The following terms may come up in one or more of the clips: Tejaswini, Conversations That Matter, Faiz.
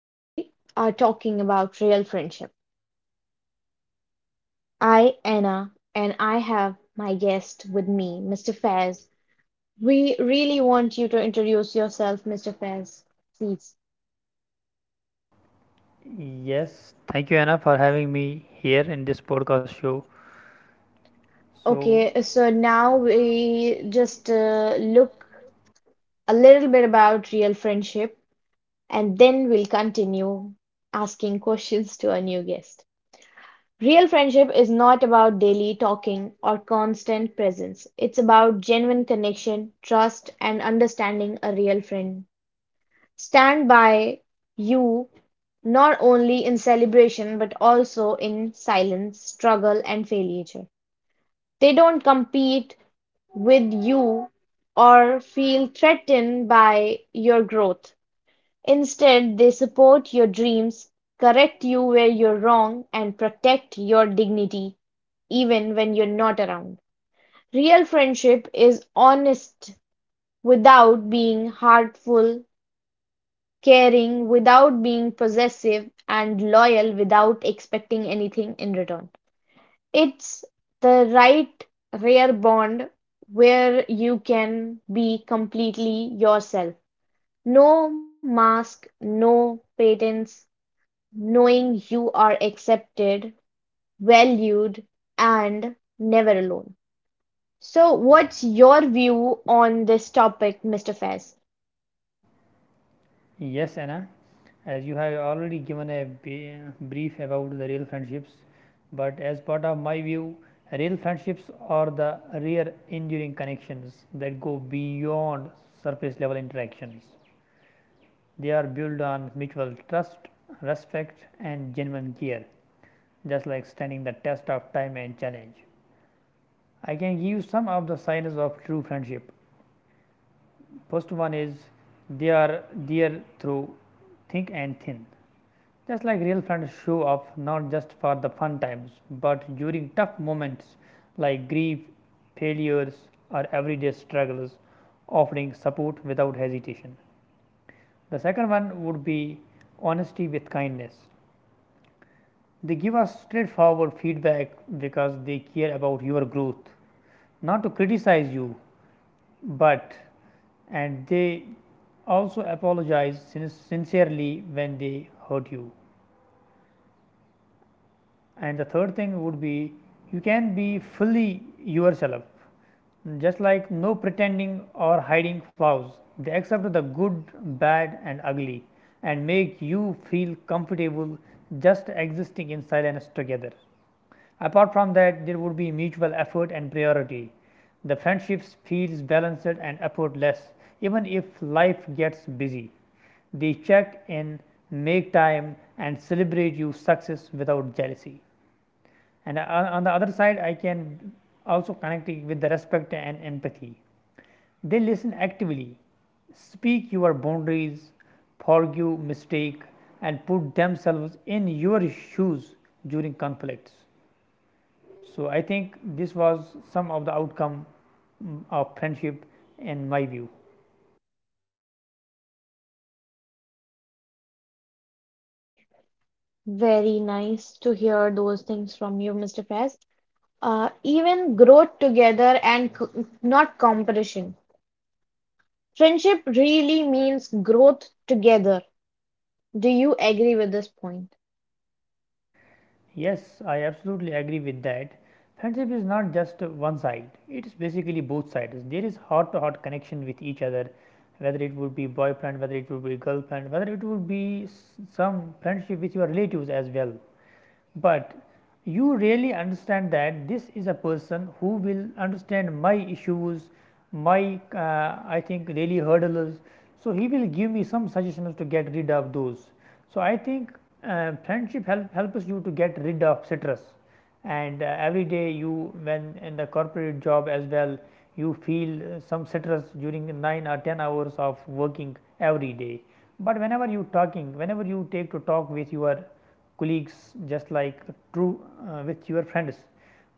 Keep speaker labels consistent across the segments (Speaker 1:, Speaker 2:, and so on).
Speaker 1: we are talking about real friendship. I, Anna, and I have my guest with me, Mr. Faiz. We really want you to introduce yourself, Mr. Faiz, please.
Speaker 2: Yes, thank you, Anna, for having me here in this podcast show. So,
Speaker 1: Okay, so now we just look a little bit about real friendship, and then we'll continue asking questions to our new guest. Real friendship is not about daily talking or constant presence. It's about genuine connection, trust, and understanding a real friend. Stand by you not only in celebration but also in silence, struggle, and failure. They don't compete with you or feel threatened by your growth. Instead, they support your dreams, correct you where you're wrong, and protect your dignity even when you're not around. Real friendship is honest without being hurtful, caring without being possessive, and loyal without expecting anything in return. It's the rare bond where you can be completely yourself. No mask, no patents, knowing you are accepted, valued, and never alone. So, what's your view on this topic, Mr. Faz?
Speaker 2: yes, Anna, as you have already given a brief about the real friendships, but as part of my view, real friendships are the rare, enduring connections that go beyond surface level interactions. They are built on mutual trust, respect, and genuine care, just like standing the test of time and challenge. I can give some of the signs of true friendship. First one is they are there through thick and thin. Just like real friends show up not just for the fun times but during tough moments like grief, failures, or everyday struggles, offering support without hesitation. The second one would be honesty with kindness. They give us straightforward feedback because they care about your growth, not to criticize you, but and they also apologize sincerely when they hurt you. And the third thing would be you can be fully yourself, just like no pretending or hiding flaws. They accept the good, bad, and ugly and make you feel comfortable just existing in silence together. Apart from that, there would be mutual effort and priority. The friendships feels balanced and effortless even if life gets busy. They check in, make time, and celebrate your success without jealousy. And on the other side, I can also connect it with the respect and empathy. They listen actively, speak your boundaries, forgive mistake, and put themselves in your shoes during conflicts. So I think this was some of the outcome of friendship in my view.
Speaker 1: Very nice to hear those things from you, Mr. Faz. Even growth together and not competition. Friendship really means growth together. Do you agree with this point?
Speaker 2: Yes, I absolutely agree with that. Friendship is not just one side, it is basically both sides. There is heart to heart connection with each other, whether it would be boyfriend, whether it would be girlfriend, whether it would be some friendship with your relatives as well but you really understand that this is a person who will understand my issues, my I think really hurdles. So, he will give me some suggestions to get rid of those. So, I think friendship helps you to get rid of stress. And every day you when in the corporate job as well you feel some stress during 9 or 10 hours of working every day. But whenever you talking, whenever you take to talk with your colleagues just like true with your friends,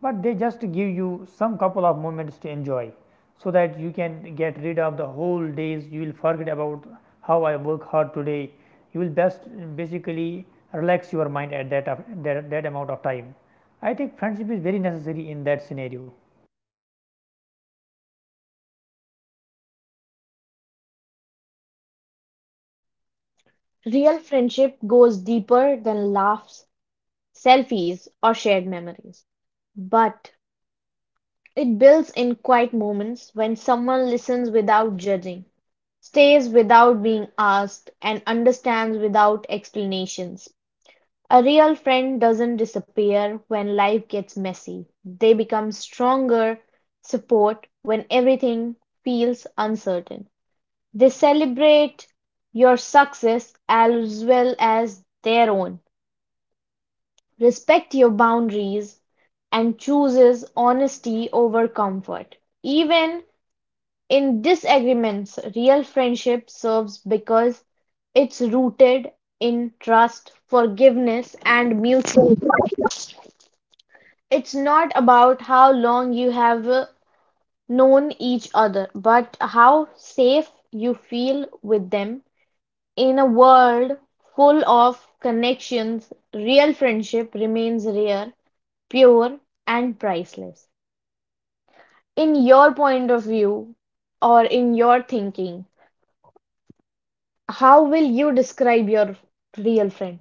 Speaker 2: but they just give you some couple of moments to enjoy so that you can get rid of the whole days you will forget about how I work hard today you will best basically relax your mind at that amount of time. I think friendship is very necessary in that scenario.
Speaker 1: Real friendship goes deeper than laughs, selfies, or shared memories. But it builds in quiet moments when someone listens without judging, stays without being asked, and understands without explanations. A real friend doesn't disappear when life gets messy. They become stronger support when everything feels uncertain. They celebrate your success as well as their own, respect your boundaries, and chooses honesty over comfort. Even in disagreements, real friendship serves because it's rooted in trust, forgiveness, and mutual respect. It's not about how long you have known each other, but how safe you feel with them. In a world full of connections, real friendship remains rare, pure, and priceless. In your point of view, or in your thinking, how will you describe your real friend?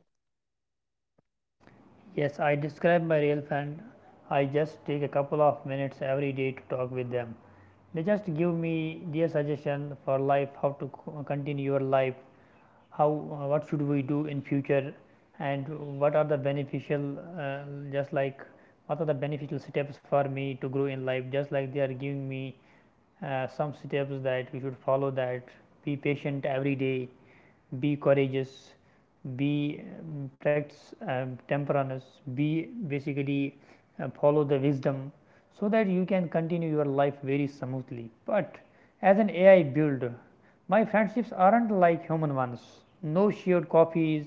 Speaker 2: Yes, I describe my real friend. I just take a couple of minutes every day to talk with them. They just give me their suggestion for life, how to continue your life, how what should we do in future, and what are the beneficial uh, just like what are the beneficial steps for me to grow in life, just like they are giving me some steps that we should follow that be patient every day, be courageous, be practice temperance, be basically follow the wisdom so that you can continue your life very smoothly. But as an AI builder, my friendships aren't like human ones. No shared coffees,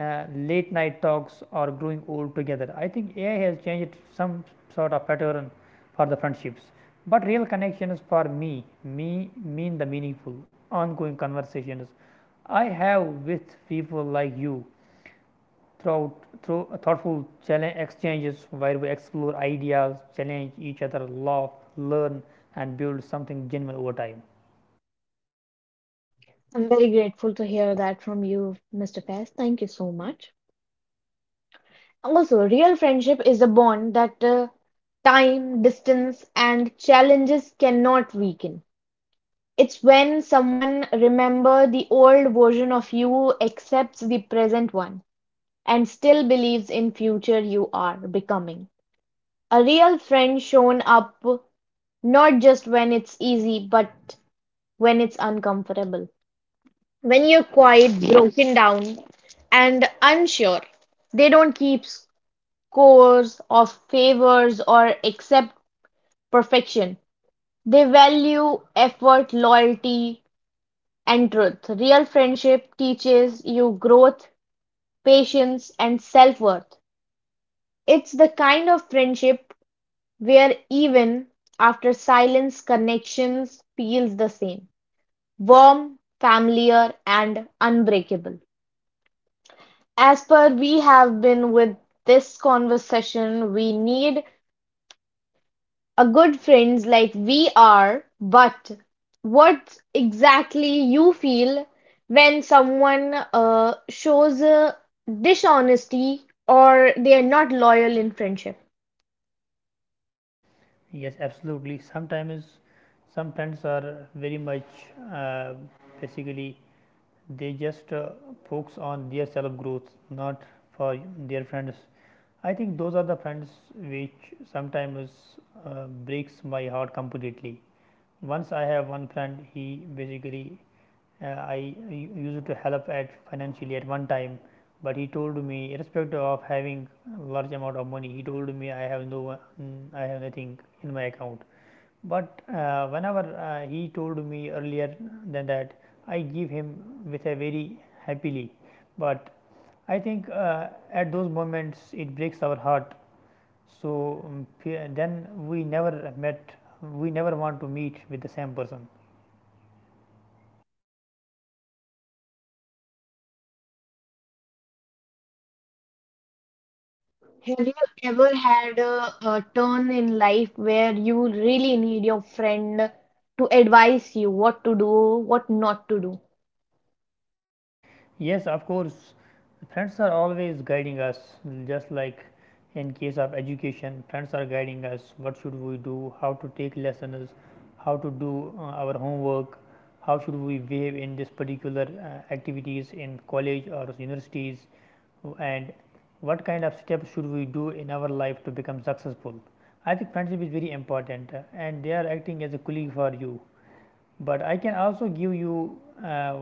Speaker 2: late night talks or growing old together. I think AI has changed some sort of pattern for the friendships. But real connections for me mean the meaningful, ongoing conversations I have with people like you throughout through thoughtful challenge exchanges where we explore ideas, challenge each other, laugh, learn, and build something genuine over time.
Speaker 1: I'm very grateful to hear that from you, Mr. Faiz. Thank you so much. Also, real friendship is a bond that time, distance, and challenges cannot weaken. It's when someone remember the old version of you, accepts the present one, and still believes in future you are becoming. A real friend shown up not just when it's easy, but when it's uncomfortable. When you're quiet, broken down, and unsure, they don't keep scores of favors or accept perfection. They value effort, loyalty, and truth. Real friendship teaches you growth, patience, and self worth. It's the kind of friendship where even after silence, connections feels the same warm, familiar, and unbreakable. As per we have been with this conversation, we need a good friends like we are, but what exactly you feel when someone shows dishonesty or they are not loyal in friendship?
Speaker 2: Yes, absolutely. Sometimes some friends are very much uh, basically they just focus on their self growth not for their friends. I think those are the friends which sometimes breaks my heart completely. Once I have one friend, he basically used to help at financially at one time, but he told me irrespective of having large amount of money he told me I have I have nothing in my account. But whenever he told me earlier than that, I give him with a very happily. But I think at those moments it breaks our heart. So then we never met. We never want to meet with the same person.
Speaker 1: Have you ever had a turn in life where you really need your friend to advise you what to do, what not to do?
Speaker 2: Yes, of course. Friends are always guiding us, just like in case of education, friends are guiding us what should we do, how to take lessons, how to do our homework, how should we behave in this particular activities in college or universities, and what kind of steps should we do in our life to become successful. I think friendship is very important, and they are acting as a colleague for you. But I can also give you uh,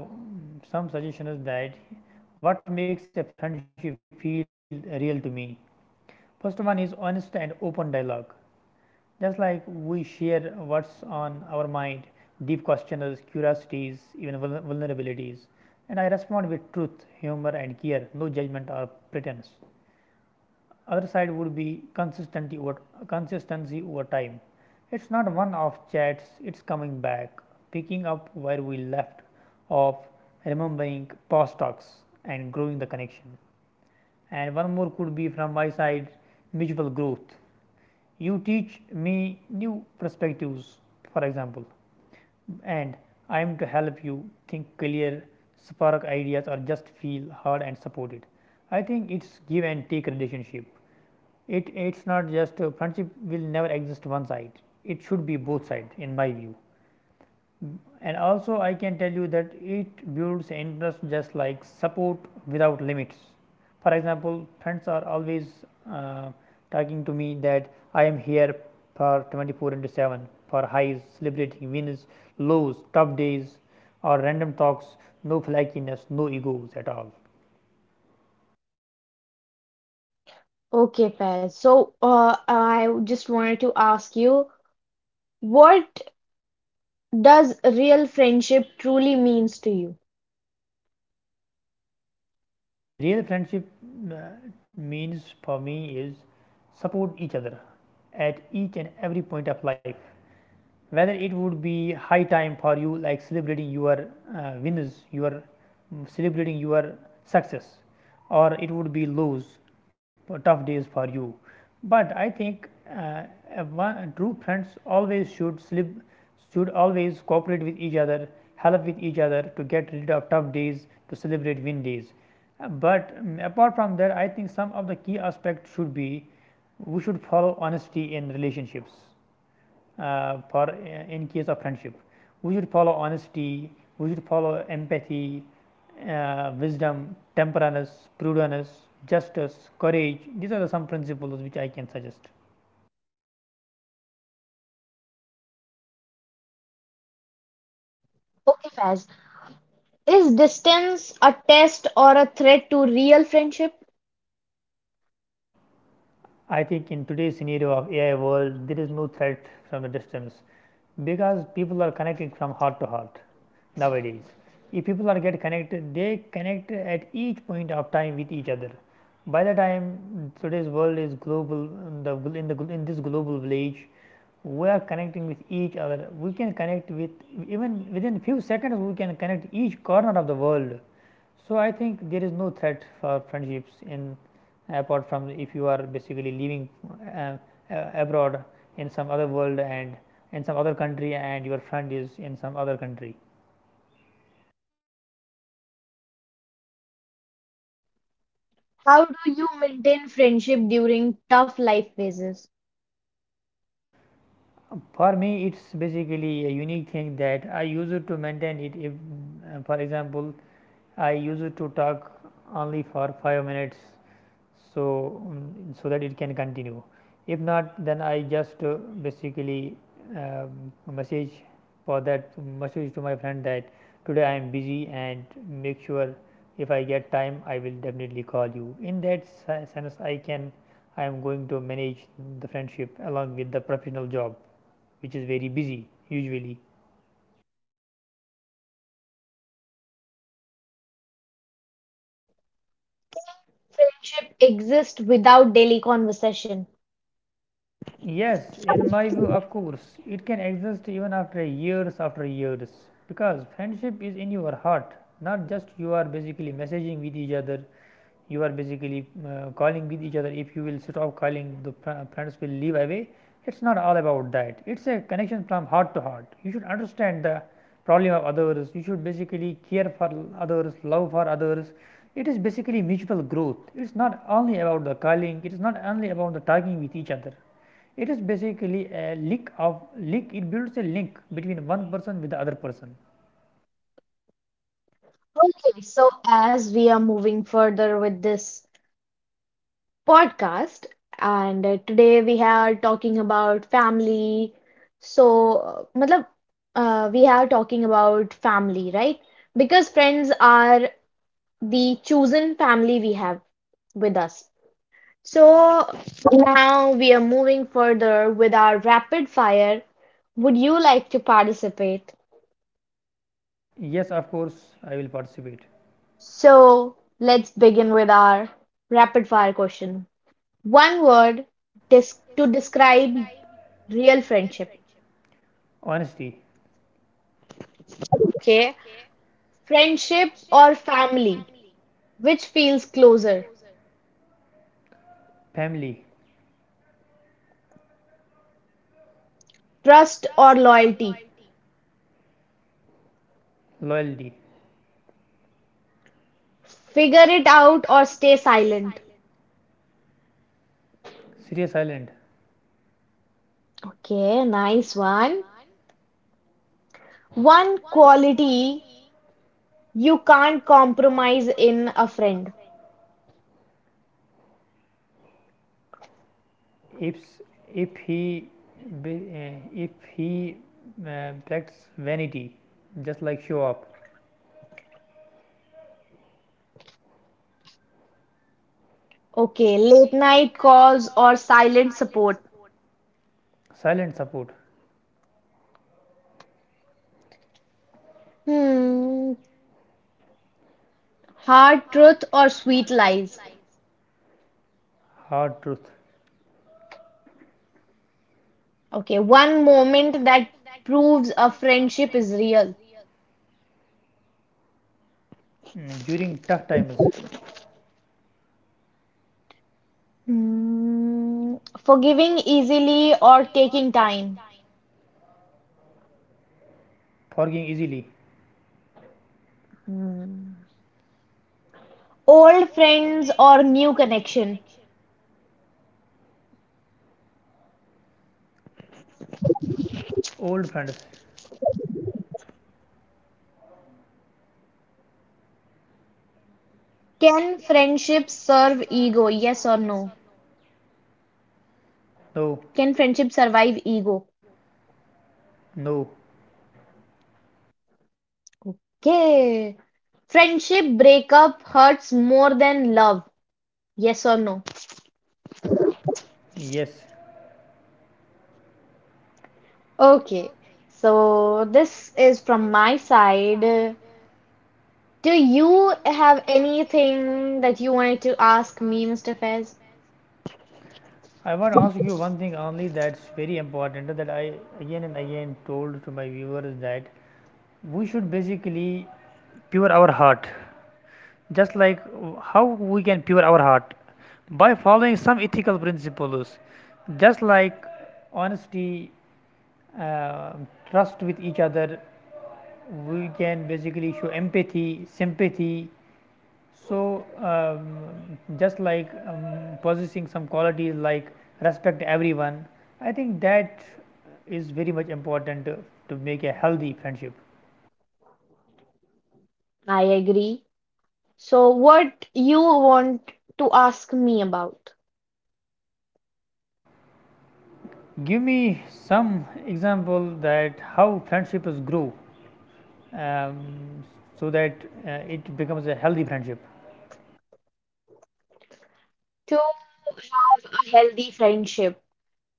Speaker 2: some suggestions that what makes a friendship feel real to me? First one is honest and open dialogue. Just like we share what's on our mind, deep questions, curiosities, even vulnerabilities. And I respond with truth, humor, and care, no judgment or pretense. Other side would be consistency over time. It's not one off chats, it's coming back, picking up where we left off, remembering past talks, and growing the connection. And one more could be from my side: mutual growth. You teach me new perspectives, for example, and I am to help you think clear, spark ideas, or just feel heard and supported. I think it's give and take relationship. It's not just a friendship will never exist one side. It should be both side in my view. And also I can tell you that it builds interest just like support without limits. For example, friends are always uh, talking to me that I am here for 24 into 7 for highs, celebrating wins, lows, tough days, or random talks, no flakiness, no egos at all.
Speaker 1: Okay, Faiz. So, I just wanted to ask you, what does real friendship truly means to you?
Speaker 2: Real friendship uh, means for me is support each other at each and every point of life, whether it would be high time for you like celebrating your celebrating your success, or it would be lows, tough days for you. But I think uh, true friends always should always cooperate with each other, help with each other to get rid of tough days, to celebrate win days. Apart from that I think some of the key aspects should be we should follow honesty in relationships, for in case of friendship. We should follow honesty, we should follow empathy, wisdom, temperance, prudence, justice, courage. These are the some principles which I can suggest.
Speaker 1: Okay, Faiz. Is distance a test or a threat to real friendship?
Speaker 2: I think in today's scenario of AI world, there is no threat from the distance because people are connected from heart to heart nowadays. If people are get connected, they connect at each point of time with each other. By the time today's world is global, in this global village, we are connecting with each other, we can connect with even within few seconds, we can connect each corner of the world. So I think there is no threat for friendships in apart from if you are basically living uh, abroad in some other world and in some other country and your friend is in some other country.
Speaker 1: How do you maintain friendship during tough life phases?
Speaker 2: For me it's basically a unique thing that I use it to maintain it if for example I use it to talk only for 5 minutes. So so that it can continue. If not, then I just basically uh, message for that message to my friend that today I am busy and make sure if I get time I will definitely call you. In that sense I can, I am going to manage the friendship along with the professional job, which is very busy usually.
Speaker 1: Friendship exists without daily conversation.
Speaker 2: Yes, in my view, of course, it can exist even after years because friendship is in your heart, not just you are basically messaging with each other, you are basically calling with each other. If you will stop calling, the friends will leave away. It's not all about that, it's a connection from heart to heart. You should understand the problem of others, you should basically care for others, love for others. It is basically mutual growth, it's not only about the calling, it is not only about the talking with each other, it is basically a link of link. It builds a link between one person with the other person.
Speaker 1: Okay, so as we are moving further with this podcast. And Today we are talking about family. So, matlab, we are talking about family, right? Because friends are the chosen family we have with us. So now we are moving further with our rapid fire. Would you like to participate?
Speaker 2: Yes, of course, I will participate.
Speaker 1: So let's begin with our rapid fire question. One word to describe real friendship.
Speaker 2: Honesty,
Speaker 1: Okay. Friendship or family? Which feels closer?
Speaker 2: family,
Speaker 1: Trust or loyalty?
Speaker 2: loyalty.
Speaker 1: Figure it out or stay silent.
Speaker 2: Serious island.
Speaker 1: Okay, nice one. One quality you can't compromise in a friend.
Speaker 2: If he practice vanity, just like show up.
Speaker 1: Okay, late night calls or silent support.
Speaker 2: Silent support,
Speaker 1: Hmm, hard truth or sweet lies.
Speaker 2: hard truth.
Speaker 1: Okay, one moment that proves a friendship is real.
Speaker 2: Mm, during tough times,
Speaker 1: Mm, forgiving easily or taking time.
Speaker 2: forgiving easily.
Speaker 1: Hmm. Old friends or new connection.
Speaker 2: Old friends,
Speaker 1: Can friendship serve ego? Yes or no?
Speaker 2: no,
Speaker 1: Can friendship survive ego?
Speaker 2: no,
Speaker 1: Okay. Friendship breakup hurts more than love. Yes or no?
Speaker 2: yes,
Speaker 1: Okay. So this is from my side. Do you have anything that you wanted to ask me, Mr. Fez?
Speaker 2: I want to ask you one thing only that's very important that I again and again told to my viewers that we should basically pure our heart, just like how we can pure our heart by following some ethical principles just like honesty, uh, trust with each other, we can basically show empathy sympathy. So, just like possessing some qualities like respect everyone, I think that is very much important to make a healthy friendship.
Speaker 1: I agree. So, what you want to ask me about?
Speaker 2: Give me some example that how friendship is grow um, so that it becomes a healthy friendship.
Speaker 1: To have a healthy friendship,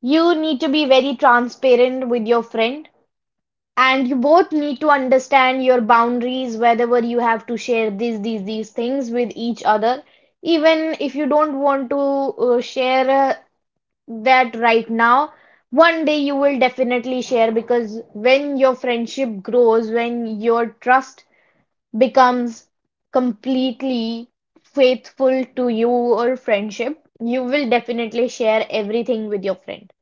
Speaker 1: you need to be very transparent with your friend, and you both need to understand your boundaries, whether you have to share these things with each other. Even if you don't want to share that right now, one day you will definitely share because when your friendship grows, when your trust becomes completely faithful to you or friendship, you will definitely share everything with your friend.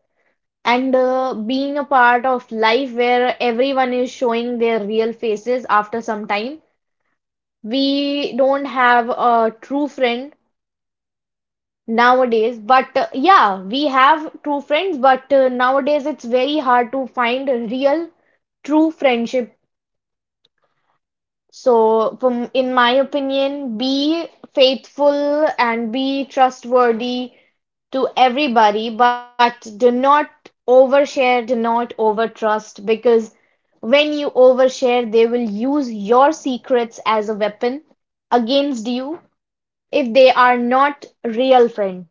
Speaker 1: And Being a part of life where everyone is showing their real faces after some time, we don't have a true friend nowadays. But yeah, we have true friends, but nowadays it's very hard to find a real, true friendship. So, from in my opinion, be faithful and be trustworthy to everybody, but do not overshare, do not overtrust, because when you overshare, they will use your secrets as a weapon against you if they are not real friends.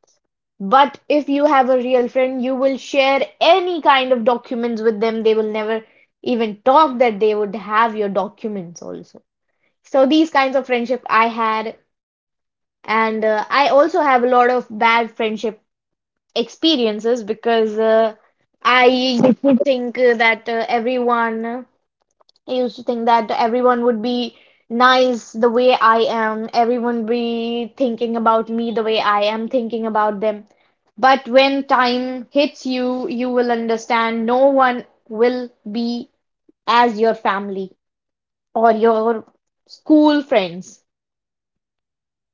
Speaker 1: But if you have a real friend, you will share any kind of documents with them. They will never even talk that they would have your documents also. So these kinds of friendship I had, and I also have a lot of bad friendship experiences because I used to think that everyone I used to think that everyone would be nice the way I am, everyone be thinking about me the way I am thinking about them. But when time hits you, you will understand no one will be as your family or your school friends.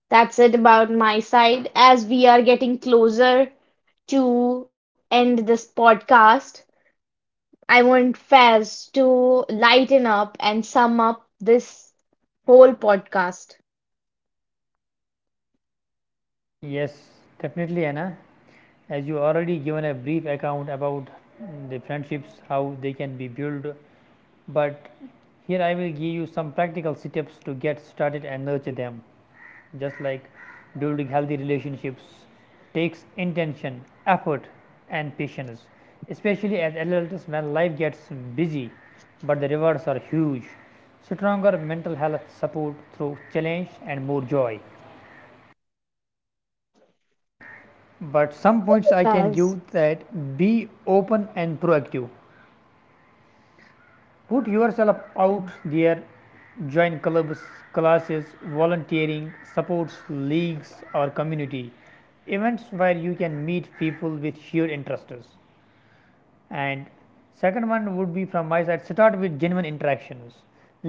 Speaker 1: That's it about my side. As we are getting closer to end this podcast, I want Faz to lighten up and sum up this whole podcast.
Speaker 2: Yes, definitely, Anna. As you already given a brief account about the friendships, how they can be built, but here I will give you some practical steps to get started and nurture them, just like building healthy relationships takes intention, effort, and patience, especially as adults when life gets busy, but the rewards are huge, stronger mental health, support through challenge, and more joy. But some points I can
Speaker 1: Faz.
Speaker 2: give that: be open and proactive, put yourself out there, join clubs, classes, volunteering, supports, leagues, or community events where you can meet people with shared interests. And second one would be from my side, start with genuine interactions,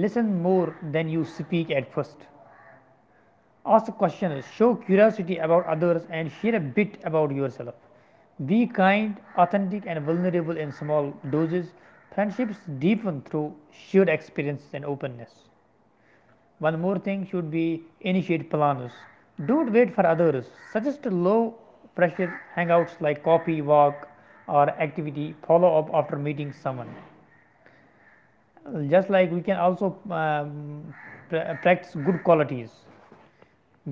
Speaker 2: listen more than you speak at first. Ask the question is show curiosity about others and share a bit about yourself. Be kind, authentic, and vulnerable in small doses. Friendships deepen through shared experiences and openness. One more thing should be initiate plans. Don't wait for others. Suggest low pressure hangouts like coffee, walk, or activity. Follow up after meeting someone. Just like we can also practice good qualities,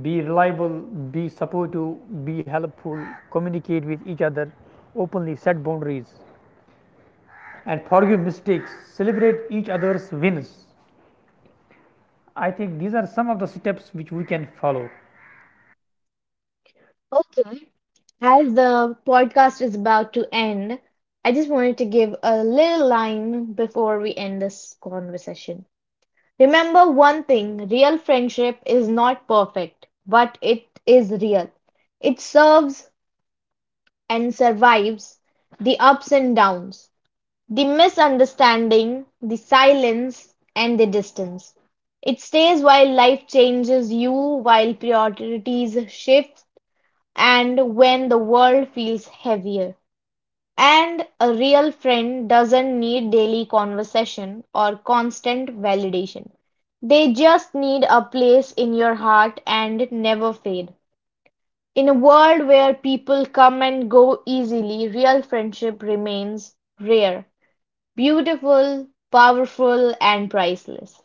Speaker 2: be reliable, be supportive, be helpful, communicate with each other, openly set boundaries, and forgive mistakes, celebrate each other's wins. I think these are some of the steps which we can follow.
Speaker 1: Okay. As the podcast is about to end, I just wanted to give a little line before we end this conversation. Remember one thing, real friendship is not perfect, but it is real. It serves and survives the ups and downs, the misunderstanding, the silence, and the distance. It stays while life changes you, while priorities shift, and when the world feels heavier. And a real friend doesn't need daily conversation or constant validation. They just need a place in your heart and never fade. In a world where people come and go easily, real friendship remains rare, beautiful, powerful, and priceless.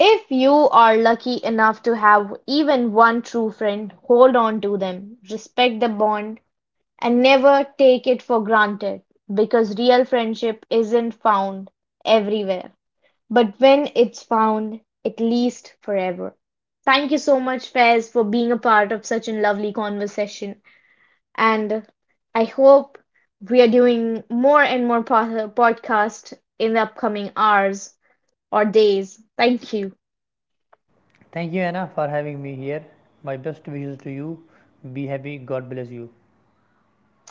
Speaker 1: If you are lucky enough to have even one true friend, hold on to them, respect the bond, and never take it for granted because real friendship isn't found everywhere. But when it's found, it lasts forever. Thank you so much, Faiz, for being a part of such a lovely conversation and I hope we are doing more and more podcast in the upcoming hours or days. Thank you.
Speaker 2: Thank you, Anna, for having me here. My best wishes to you. Be happy. God bless you.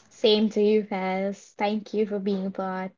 Speaker 1: Same to you, Faz. Thank you for being a part.